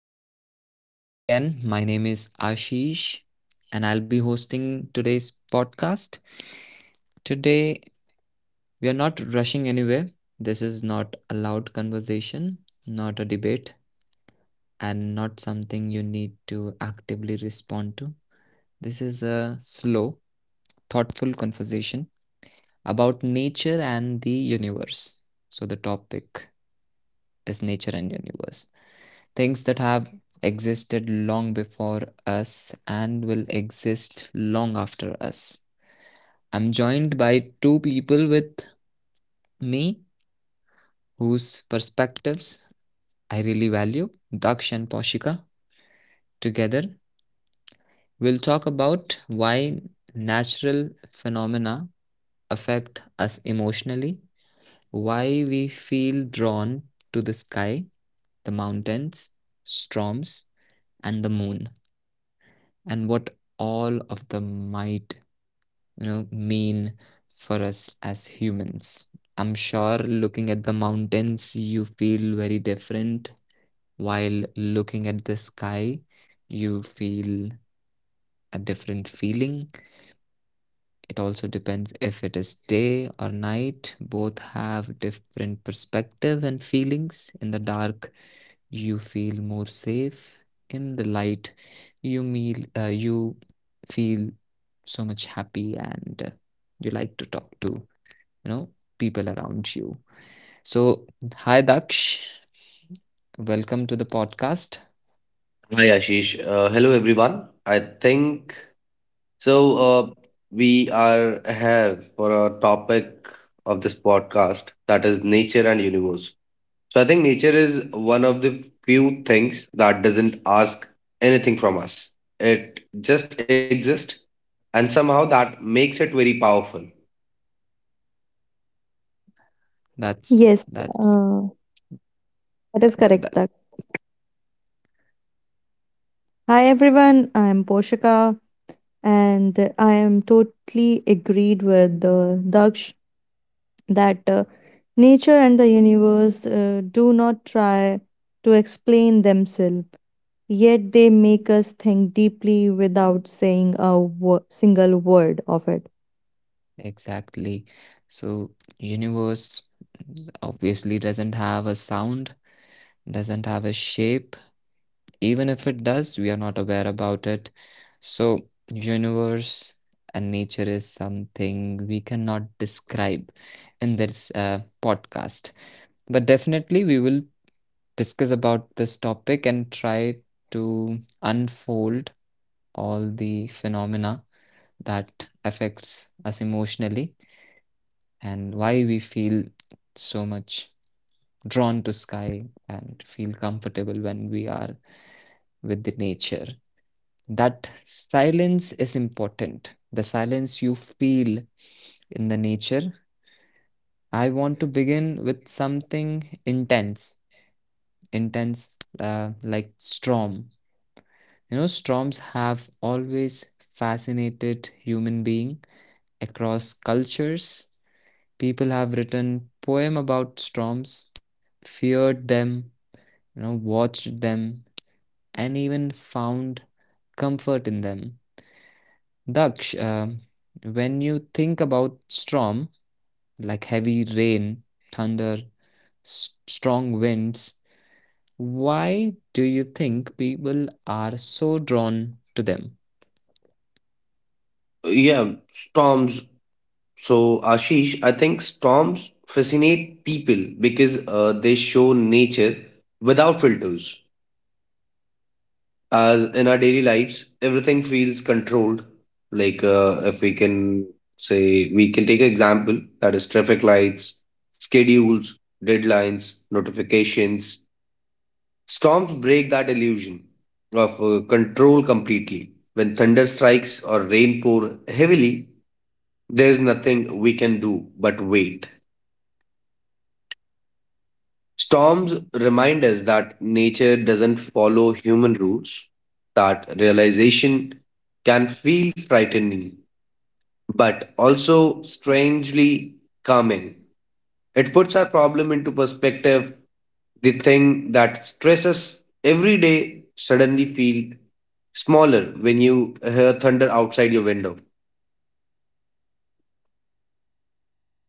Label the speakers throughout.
Speaker 1: and welcome again. My name is Ashish, and I'll be hosting today's podcast. Today, we are not rushing anywhere. This is not a loud conversation, not a debate, and not something you need to actively respond to. This is a slow, thoughtful conversation about nature and the universe. So, the topic is nature and universe. Things that have existed long before us and will exist long after us. I'm joined by two people with me whose perspectives I really value, Daksh and Poshika. Together, we'll talk about why natural phenomena affect us emotionally, why we feel drawn to the sky, the mountains, storms, and the moon, and what all of them might mean for us as humans. I'm sure looking at the mountains you feel very different, while looking at the sky you feel a different feeling. It also depends if it is day or night. Both have different perspective and feelings. In the dark you feel more safe. In the light you meal you feel so much happy, and you like to talk to you know people around you. So, hi Daksh, welcome to the podcast.
Speaker 2: Hi Ashish. Hello everyone. I think so. Uh, we are here for a topic of this podcast that is nature and universe. So I think nature is one of the few things that doesn't ask anything from us. It just exists, and somehow that makes it very powerful.
Speaker 1: that's
Speaker 3: Yes,
Speaker 1: that's
Speaker 3: uh, that is
Speaker 1: that,
Speaker 3: correct,
Speaker 1: that
Speaker 3: Tak. Hi everyone, I am Poshika and I am totally agreed with Daksh that nature and the universe do not try to explain themselves, yet they make us think deeply without saying a single word of it.
Speaker 1: exactly. So, universe obviously doesn't have a sound, doesn't have a shape. Even if it does, we are not aware about it. So, universe and nature is something we cannot describe in this podcast, but definitely we will discuss about this topic and try to unfold all the phenomena that affects us emotionally, and why we feel so much drawn to sky and feel comfortable when we are with the nature. That silence is important, the silence you feel in the nature. I want to begin with something intense. intense uh, like storm. You know, storms have always fascinated human being across cultures. People have written poem about storms, feared them, you know, watched them, and even found comfort in them. Daksh, when you think about storm, like heavy rain, thunder, strong winds, why do you think people are so drawn to them?
Speaker 2: Yeah, storms. So Ashish, I think storms fascinate people because they show nature without filters, as in our daily lives everything feels controlled, like if we can say we can take example that is traffic lights, schedules, deadlines, notifications. Storms break that illusion of control completely. When thunder strikes or rain pour heavily, there is nothing we can do but wait. Storms remind us that nature doesn't follow human rules. That realization can feel frightening, but also strangely calming. It puts our problem into perspective. The thing that stresses every day suddenly feel smaller when you hear thunder outside your window.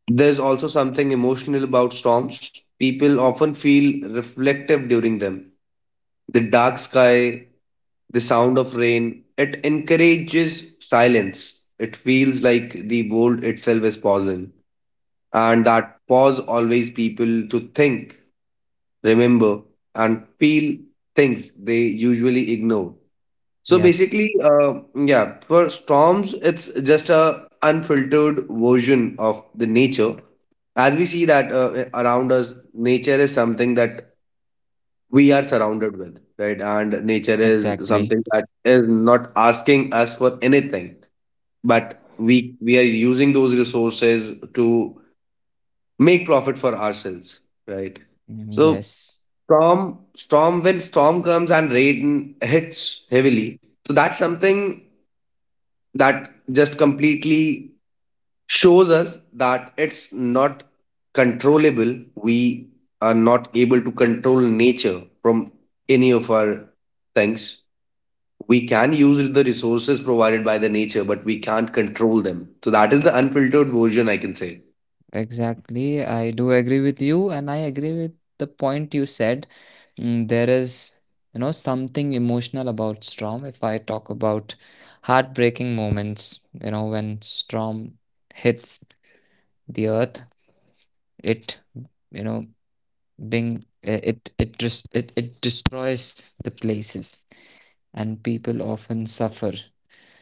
Speaker 2: There's also something emotional about storms. People often feel reflective during them. The dark sky, the sound of rain, it encourages silence. It feels like the world itself is pausing. And that pause always people to think, remember, and feel things they usually ignore. So
Speaker 1: Yes,
Speaker 2: basically, for storms, it's just a unfiltered version of the nature. As we see that around us, nature is something that we are surrounded with, right? And nature is
Speaker 1: exactly.
Speaker 2: something that is not asking us for anything, but we are using those resources to make profit for ourselves, right?
Speaker 1: Mm,
Speaker 2: So
Speaker 1: yes,
Speaker 2: storm when storm comes and rain hits heavily. So that's something that just completely shows us that it's not controllable. We are not able to control nature from any of our things. We can use the resources provided by the nature, but we can't control them. So that is the unfiltered version I can say.
Speaker 1: exactly. I do agree with you, and I agree with the point you said. Mm, there is, you know, something emotional about Storm. If I talk about heartbreaking moments, you know, when Storm hits the earth, it, you know, being it destroys the places, and people often suffer.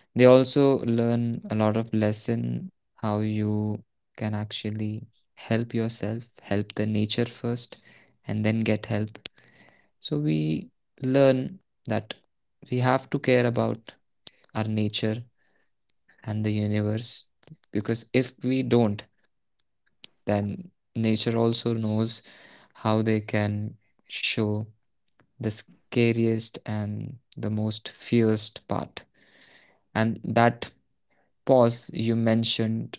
Speaker 1: They also learn a lot of lesson, how you can actually help yourself, help the nature first, and then get help. So we learn that we have to care about our nature and the universe, because if we don't, then nature also knows how they can show the scariest and the most fierce part. And that pause you mentioned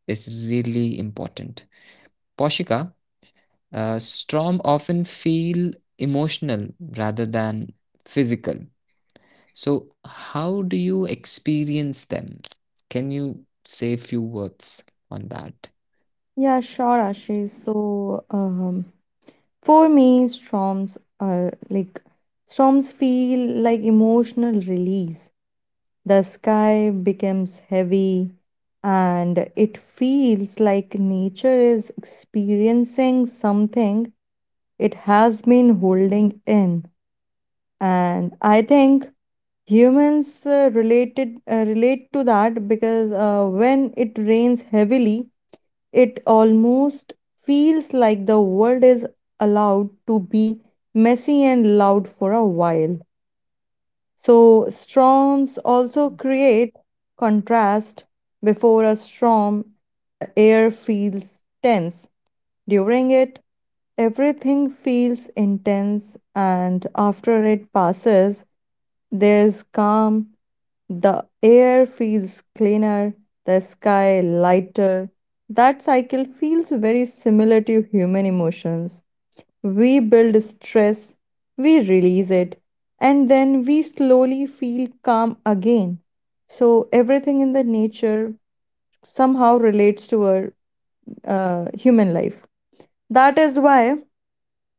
Speaker 1: is really important. Poshika, storm often feel emotional rather than physical. So, how do you experience them? Can you say a few words on that?
Speaker 3: Yeah, sure, Ashish. So, for me, storms feel like emotional release. The sky becomes heavy and it feels like nature is experiencing something it has been holding in. And I think humans relate to that because when it rains heavily, it almost feels like the world is allowed to be messy and loud for a while. So, storms also create contrast. Before a storm, the air feels tense. During it, everything feels intense, and after it passes, there's calm. The air feels cleaner, the sky lighter. That cycle feels very similar to human emotions. We build stress, we release it, and then we slowly feel calm again. So, everything in the nature somehow relates to our human life. That is why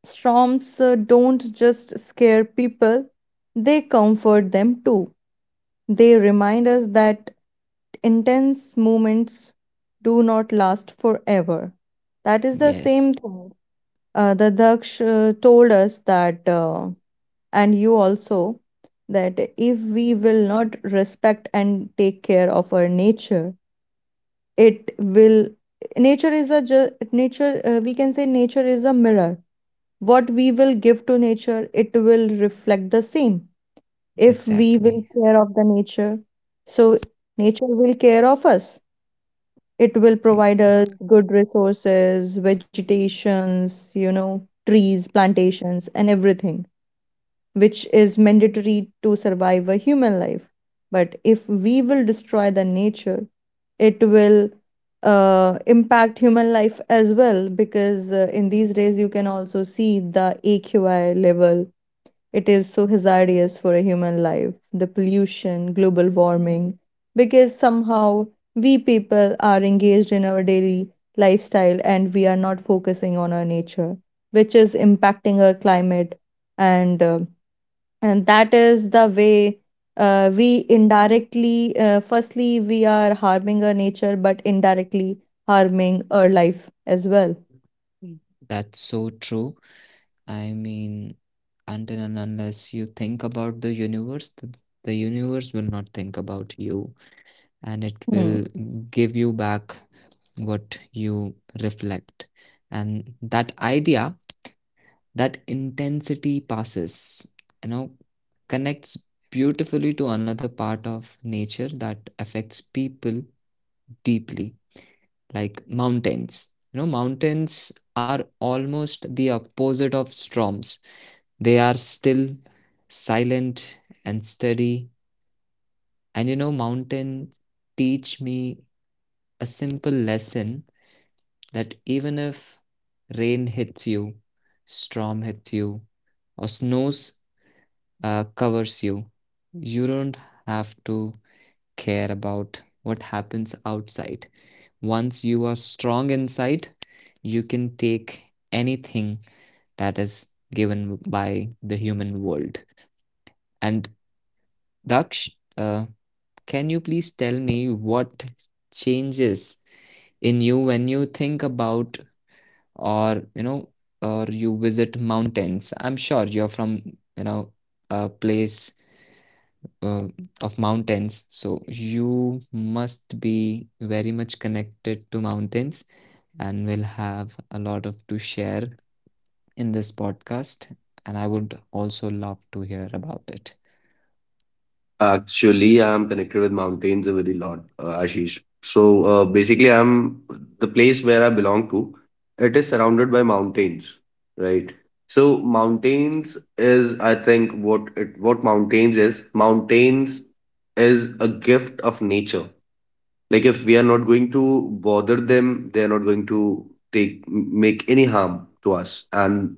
Speaker 3: storms don't just scare people, they comfort them too. They remind us that intense moments do not last forever. That is the same
Speaker 1: Yes,
Speaker 3: thing. The Daksh told us that. And you also that if we will not respect and take care of our nature, it will, nature, we can say nature is a mirror. What we will give to nature, it will reflect the same. If we will
Speaker 1: exactly.
Speaker 3: care of the nature, so nature will care of us. It will
Speaker 1: Exactly.
Speaker 3: provide us good resources, vegetations, you know, trees, plantations, and everything which is mandatory to survive a human life. But if we will destroy the nature, it will impact human life as well, because in these days you can also see the AQI level. It is so hazardous for a human life, the pollution, global warming, because somehow we people are engaged in our daily lifestyle and we are not focusing on our nature, which is impacting our climate and that is the way we indirectly, firstly we are harming our nature, but indirectly harming our life as well.
Speaker 1: That's so true. I mean, until and unless you think about the universe will not think about you. And it
Speaker 3: Hmm.
Speaker 1: will give you back what you reflect. And that idea, that intensity passes, you know, connects beautifully to another part of nature that affects people deeply, like mountains. You know, mountains are almost the opposite of storms. They are still, silent and steady. And you know, mountains teach me a simple lesson, that even if rain hits you, storm hits you, or snows covers you, you don't have to care about what happens outside. Once you are strong inside, you can take anything that is given by the human world. And Daksh, uh, can you please tell me what changes in you when you think about, or you know, or you visit mountains. I'm sure you're from, you know, a place uh, of mountains, so you must be very much connected to mountains and will have a lot of to share in this podcast, and I would also love to hear about it.
Speaker 2: Actually, I'm connected with mountains a very lot, Ashish. So basically, I'm the place where I belong to. It is surrounded by mountains, right? So mountains is, I think, what mountains is. Mountains is a gift of nature. Like if we are not going to bother them, they are not going to take make any harm to us and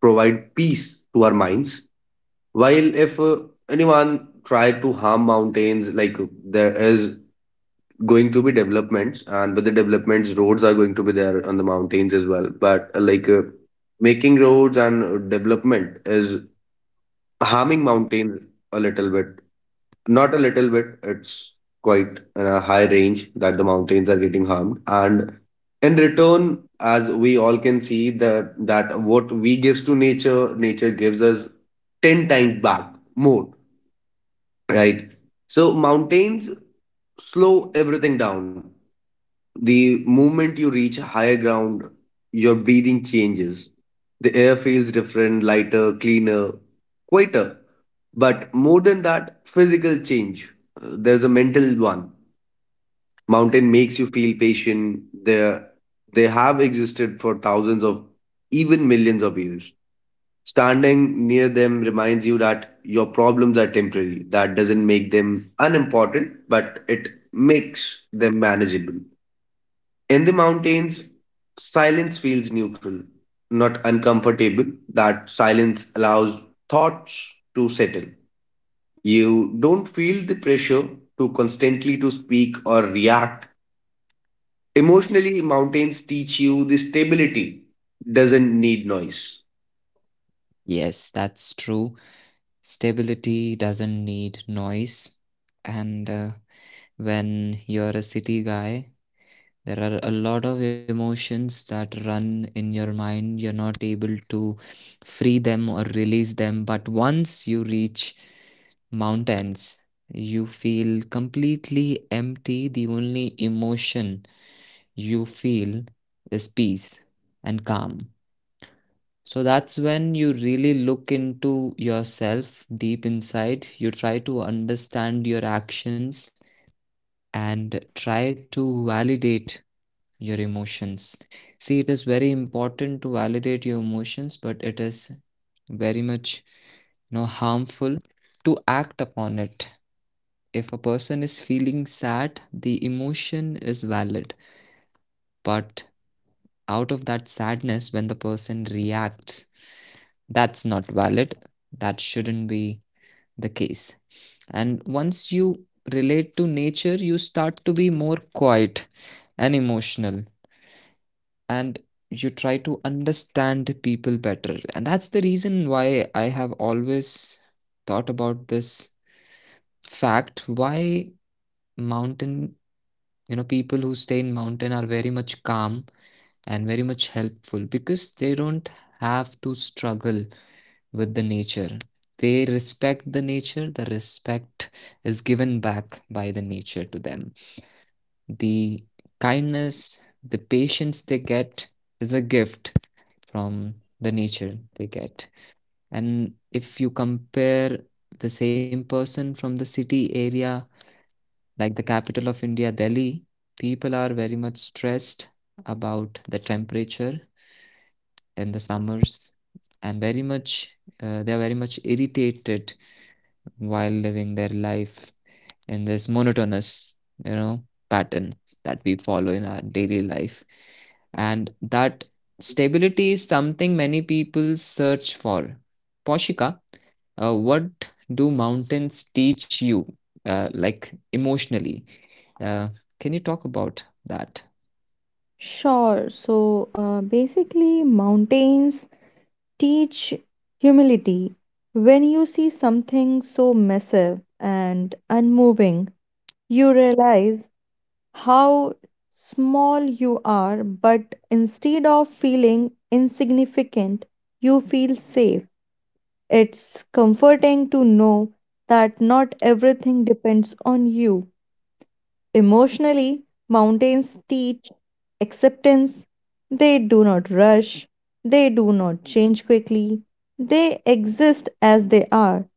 Speaker 2: provide peace to our minds. While if anyone try to harm mountains, like there is going to be developments, and with the developments, roads are going to be there on the mountains as well. But like making roads and development is harming mountains a little bit. Not a little bit, it's quite in a high range that the mountains are getting harmed. And in return, as we all can see, the that what we gives to nature, nature gives us 10 times back more. Right. So mountains slow everything down. The moment you reach higher ground, your breathing changes. The air feels different, lighter, cleaner, quieter. But more than that, physical change. There's a mental one. Mountain makes you feel patient. They have existed for thousands of, even millions of years. Standing near them reminds you that your problems are temporary. That doesn't make them unimportant, but it makes them manageable. In the mountains, silence feels neutral, not uncomfortable. That silence allows thoughts to settle. You don't feel the pressure to constantly to speak or react. Emotionally, mountains teach you the stability doesn't need noise.
Speaker 1: Yes, that's true. Stability doesn't need noise. And when you're a city guy, there are a lot of emotions that run in your mind. You're not able to free them or release them, but once you reach mountains you feel completely empty. The only emotion you feel is peace and calm. So that's when you really look into yourself deep inside. You try to understand your actions and try to validate your emotions. See, it is very important to validate your emotions, but it is very much, you know, harmful to act upon it. If a person is feeling sad, the emotion is valid, but out of that sadness, when the person reacts, that's not valid. That shouldn't be the case. And once you relate to nature, you start to be more quiet and emotional, and you try to understand people better. And that's the reason why I have always thought about this fact, why mountain, you know, people who stay in mountain are very much calm and very much helpful, because they don't have to struggle with the nature. They respect the nature, the respect is given back by the nature to them. The kindness, the patience they get is a gift from the nature they get. And if you compare the same person from the city area, like the capital of India, Delhi, people are very much stressed about the temperature in the summers, and very much they are very much irritated while living their life in this monotonous, you know, pattern that we follow in our daily life. And that stability is something many people search for. Poshika, what do mountains teach you, like emotionally? Uh, can you talk about that?
Speaker 3: Sure. So basically, mountains teach humility. When you see something so massive and unmoving, you realize how small you are, but instead of feeling insignificant, you feel safe. It's comforting to know that not everything depends on you. Emotionally, mountains teach acceptance. They do not rush, they do not change quickly, they exist as they are.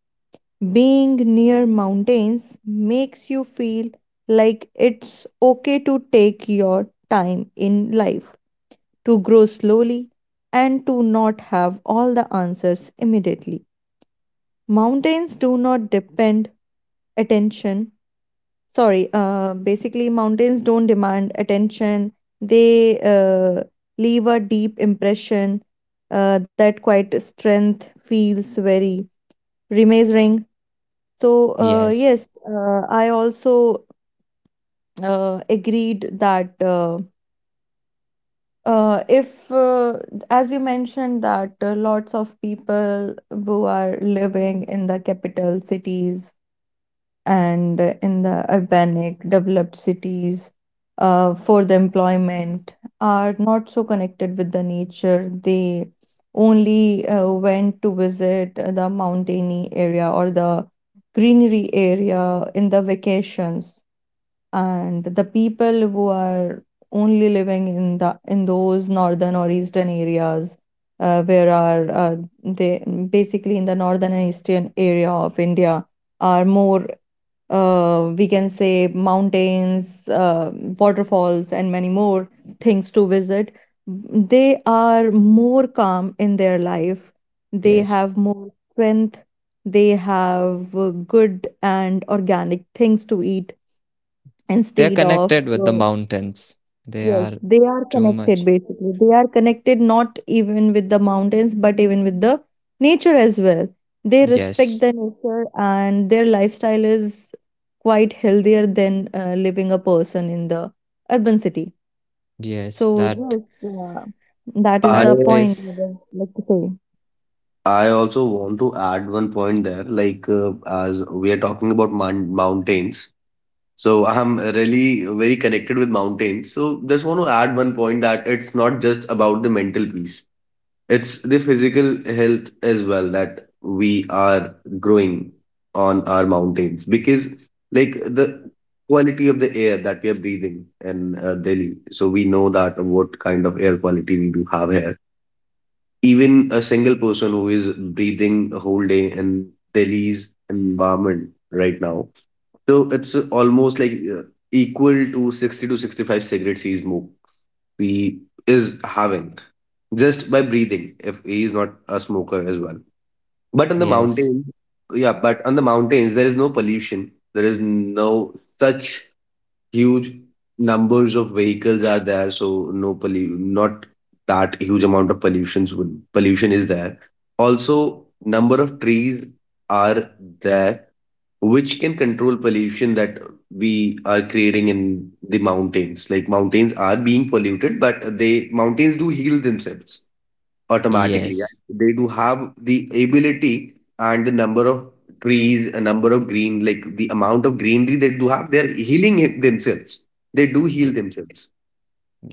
Speaker 3: Being near mountains makes you feel like it's okay to take your time in life, to grow slowly, and to not have all the answers immediately. Mountains do not depend attention, sorry, basically mountains don't demand attention. They leave a deep impression. Uh, that quite strength feels very remazing. So
Speaker 1: Yes,
Speaker 3: yes, I also agreed that, if as you mentioned, that lots of people who are living in the capital cities and in the urbanic developed cities for the employment are not so connected with the nature. They only went to visit the mountainy area or the greenery area in the vacations. And the people who are only living in the, in those northern or eastern areas, where are they basically in the northern and eastern area of india are more, we can say mountains, waterfalls, and many more things to visit. They are more calm in their life. They have
Speaker 1: yes.
Speaker 3: more strength. They have good and organic things to eat
Speaker 1: They're
Speaker 3: instead of
Speaker 1: connected with the mountains. They
Speaker 3: Yes,
Speaker 1: are
Speaker 3: they are
Speaker 1: too
Speaker 3: connected
Speaker 1: much.
Speaker 3: basically. They are connected not even with the mountains, but even with the nature as well. They respect the
Speaker 1: Yes,
Speaker 3: nature and their lifestyle is quite healthier than living a person in the urban city.
Speaker 1: yes.
Speaker 3: So, yes,
Speaker 1: That
Speaker 3: that is
Speaker 2: I
Speaker 3: the
Speaker 1: that
Speaker 3: point I
Speaker 1: is
Speaker 3: would like to say.
Speaker 2: I also want to add one point there, like as we are talking about mountains. So I'm really very connected with mountains. So just want to add one point that it's not just about the mental peace, it's the physical health as well that we are growing on our mountains, because like the quality of the air that we are breathing in Delhi. So we know that what kind of air quality we do have here. Even a single person who is breathing a whole day in Delhi's environment right now, so it's almost like uh, equal to 60 to 65 cigarettes he smoke he is having, just by breathing, if he is not a smoker as well. But on the mountains,
Speaker 1: yes,
Speaker 2: yeah, but on the mountains there is no pollution. There is no such huge numbers of vehicles are there, so no pollu not that huge amount of pollution is there. Also, number of trees are there, which can control pollution that we are creating in the mountains. Like mountains are being polluted, but they mountains do heal themselves automatically. Yeah.
Speaker 1: yes,
Speaker 2: They do have the ability and the number of trees, a number of green, like the amount of greenery they do have, they're healing it themselves. They do heal
Speaker 1: yes.
Speaker 2: themselves.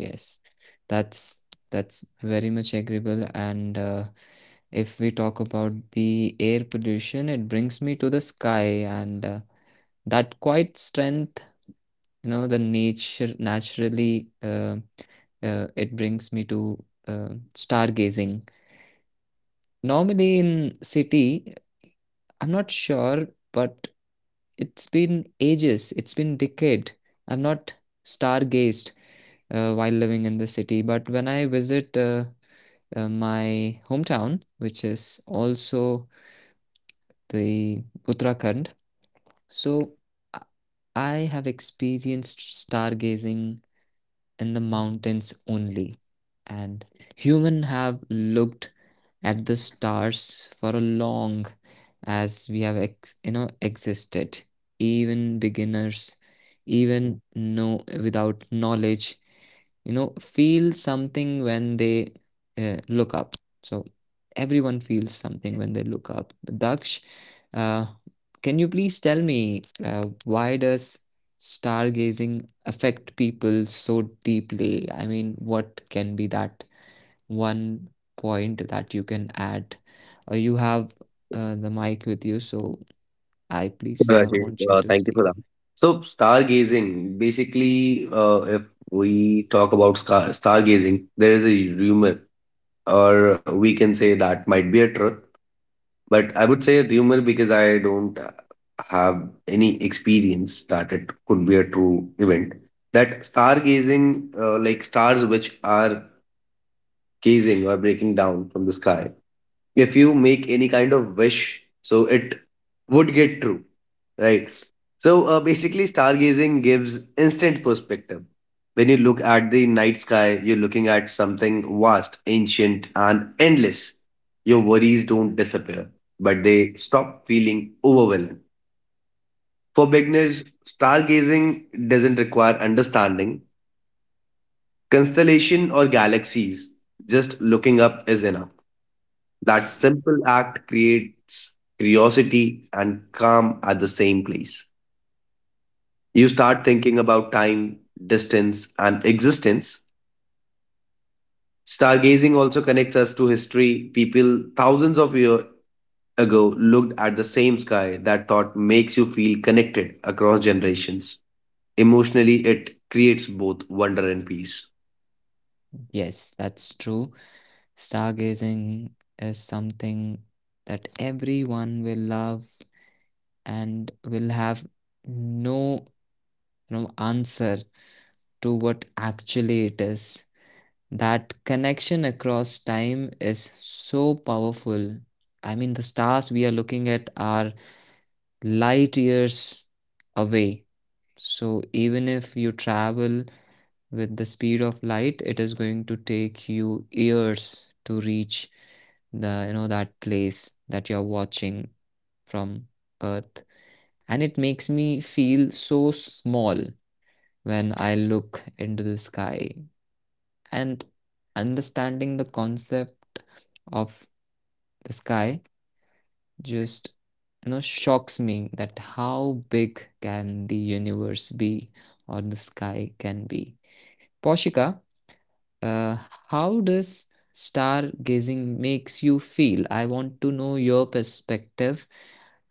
Speaker 1: Yes, that's that's very much agreeable. And if we talk about the air pollution, it brings me to the sky, and that quite strength, you know, the nature naturally it brings me to uh, stargazing. Normally in city, I'm not sure, but it's been ages, it's been decade. I'm not stargazed while living in the city, but when I visit. My hometown, which is also the Uttarakhand. So I I have experienced stargazing in the mountains only, and human have looked at the stars for a long as we have you know existed. Even beginners, even no without knowledge, you know, feel something when they look up. So everyone feels something when they look up. Daksh, uh, can you please tell me, why does stargazing affect people so deeply? I mean, what can be that one point that you can add. You have the mic with you, so I please
Speaker 2: Sure, Ashish.
Speaker 1: want you to
Speaker 2: Thank you for that.
Speaker 1: speak.
Speaker 2: So, stargazing, basically, if we talk about stargazing, there is a rumor, or we can say that might be a truth, but I would say rumor because I don't have any experience that it could be a true event. That stargazing, like stars which are gazing or breaking down from the sky, if you make any kind of wish, so it would get true, right? So basically stargazing gives instant perspective. When you look at the night sky, you're looking at something vast, ancient, and endless. Your worries don't disappear, but they stop feeling overwhelming. For beginners, stargazing doesn't require understanding constellation or galaxies, just looking up is enough. That simple act creates curiosity and calm at the same place. You start thinking about time, distance, and existence. Stargazing also connects us to history. People thousands of years ago looked at the same sky. That thought makes you feel connected across generations. Emotionally, it creates both wonder and peace.
Speaker 1: Yes, that's true. Stargazing is something that everyone will love and will have no, you know, answer to what actually it is. That connection across time is so powerful. I mean, the stars we are looking at are light years away. So even if you travel with the speed of light, it is going to take you years to reach the, you know, that place that you're watching from Earth. And it makes me feel so small when I look into the sky. And understanding the concept of the sky just, you know, shocks me that how big can the universe be or the sky can be. Poshika, uh, how does stargazing makes you feel? I want to know your perspective.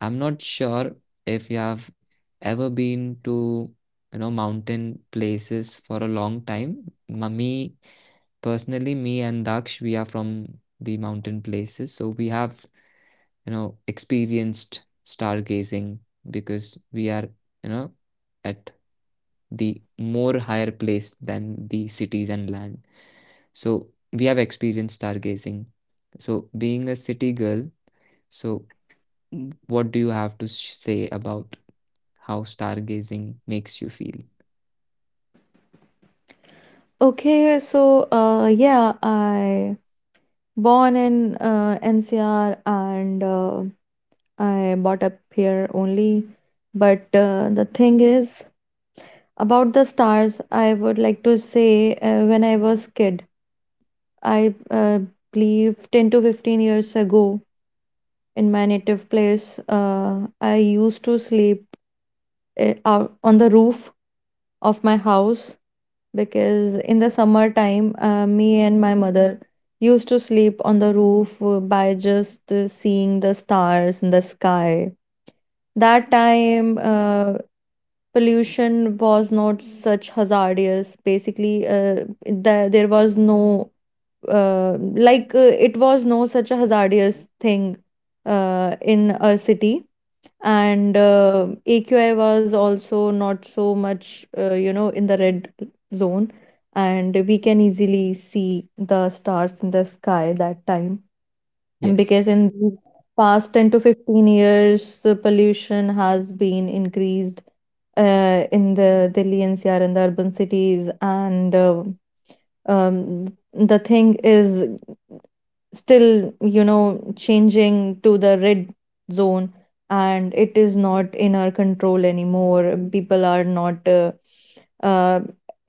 Speaker 1: I'm not sure if you have ever been to, you know, mountain places for a long time. Me personally, me and Daksh, we are from the mountain places, so we have, you know, experienced stargazing, because we are, you know, at the more higher place than the cities and land. So we have experienced stargazing. So being a city girl, so what do you have to say about how stargazing makes you feel?
Speaker 3: Okay, so yeah, I born in NCR and I brought up here only. But the thing is, about the stars, I would like to say, when I was kid, I, believe 10 to 15 years ago, in my native place, I used to sleep out on the roof of my house, because in the summertime, me and my mother used to sleep on the roof by just seeing the stars in the sky. That time, pollution was not such hazardous. Basically there was no uh, it was no such a hazardous thing in our city. And AQI was also not so much, you know, in the red zone, and we can easily see the stars in the sky that time. And because
Speaker 1: Yes,
Speaker 3: in the past 10 to 15 years, the pollution has been increased in the Delhi NCR and the urban cities, and um, the thing is still, you know, changing to the red zone, and it is not in our control anymore. People are not uh,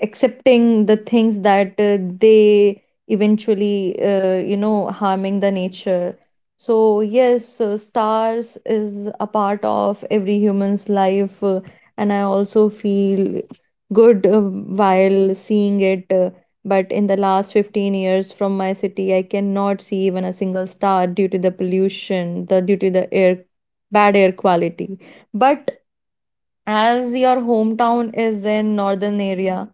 Speaker 3: accepting the things that they eventually, you know, harming the nature. So yes, stars is a part of every human's life, and I also feel good while seeing it, but in the last 15 years, from my city I cannot see even a single star due to the pollution, the due to the air, bad air quality. But as your hometown is in northern area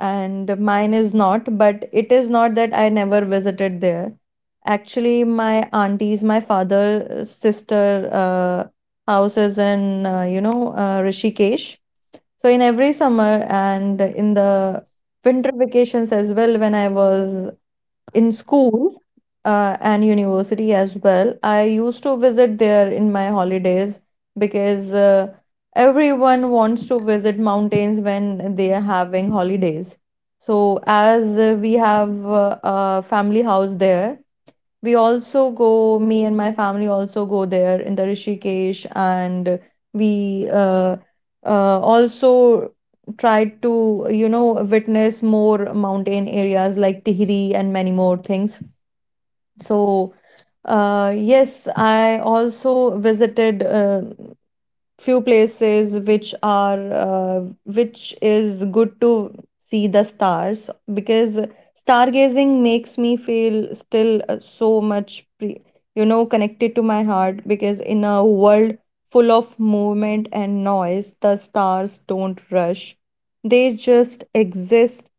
Speaker 3: and mine is not, but it is not that I never visited there. Actually my aunties, my father's sister uh, house is in, Rishikesh. So in every summer and in the winter vacations as well, when I was in school and university as well, I used to visit there in my holidays, because everyone wants to visit mountains when they are having holidays. So, as we have a family house there, we also go, me and my family also go there in the Rishikesh, and we also try to, you know, witness more mountain areas like Tihri and many more things. So, yes, I also visited few places which are which is good to see the stars, because stargazing makes me feel still so much you know, connected to my heart. Because in a world full of movement and noise, the stars don't rush, they just exist.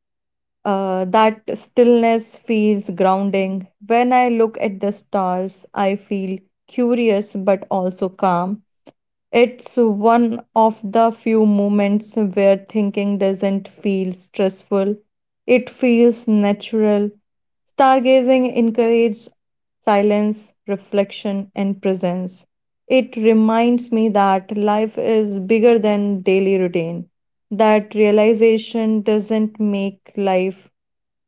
Speaker 3: Uh, that stillness feels grounding. When I look at the stars, I feel curious but also calm. It's one of the few moments where thinking doesn't feel stressful. It feels natural. Stargazing encourages silence, reflection, and presence. It reminds me that life is bigger than daily routine. That realization doesn't make life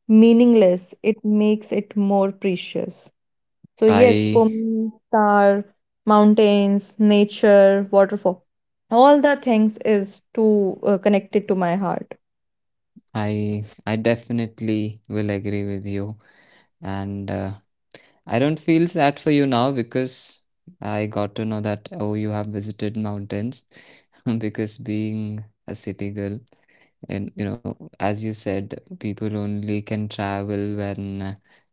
Speaker 3: meaningless, it makes it more precious. So yes, for
Speaker 1: I
Speaker 3: me, star, mountains, nature, waterfall, all the things is too connected to my heart.
Speaker 1: I definitely will agree with you, and I don't feel sad for you now, because I got to know that oh you have visited mountains because being a city girl. And you know, as you said, people only can travel when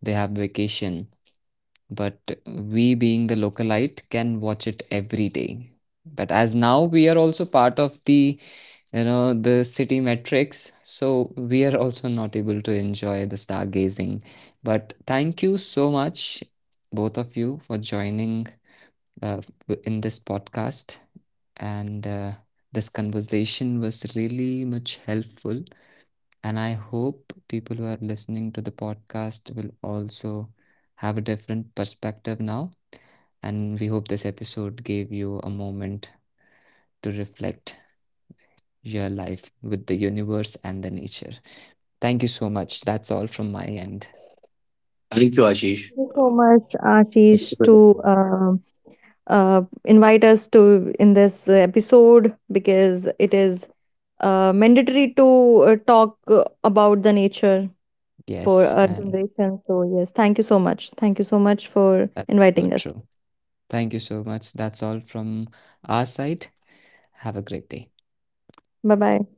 Speaker 1: they have vacation. But we, being the localite, can watch it every day. But as now we are also part of the, you know, the city metrics, so we are also not able to enjoy the stargazing. But thank you so much, both of you, for joining uh, in this podcast. And this conversation was really much helpful. And I hope people who are listening to the podcast will also have a different perspective now. And we hope this episode gave you a moment to reflect your life with the universe and the nature. Thank you so much. That's all from my end.
Speaker 2: Thank you, Ashish.
Speaker 3: Thank you so much,
Speaker 2: Uh,
Speaker 3: Ashish, to um invite us to in this episode, because it is mandatory to talk about the nature for
Speaker 1: Yes,
Speaker 3: our
Speaker 1: and
Speaker 3: generation. So yes, thank you so much. Thank you so much for
Speaker 1: that's so
Speaker 3: inviting us.
Speaker 1: true. Thank you so much. That's all from our side. Have a great day.
Speaker 3: Bye bye.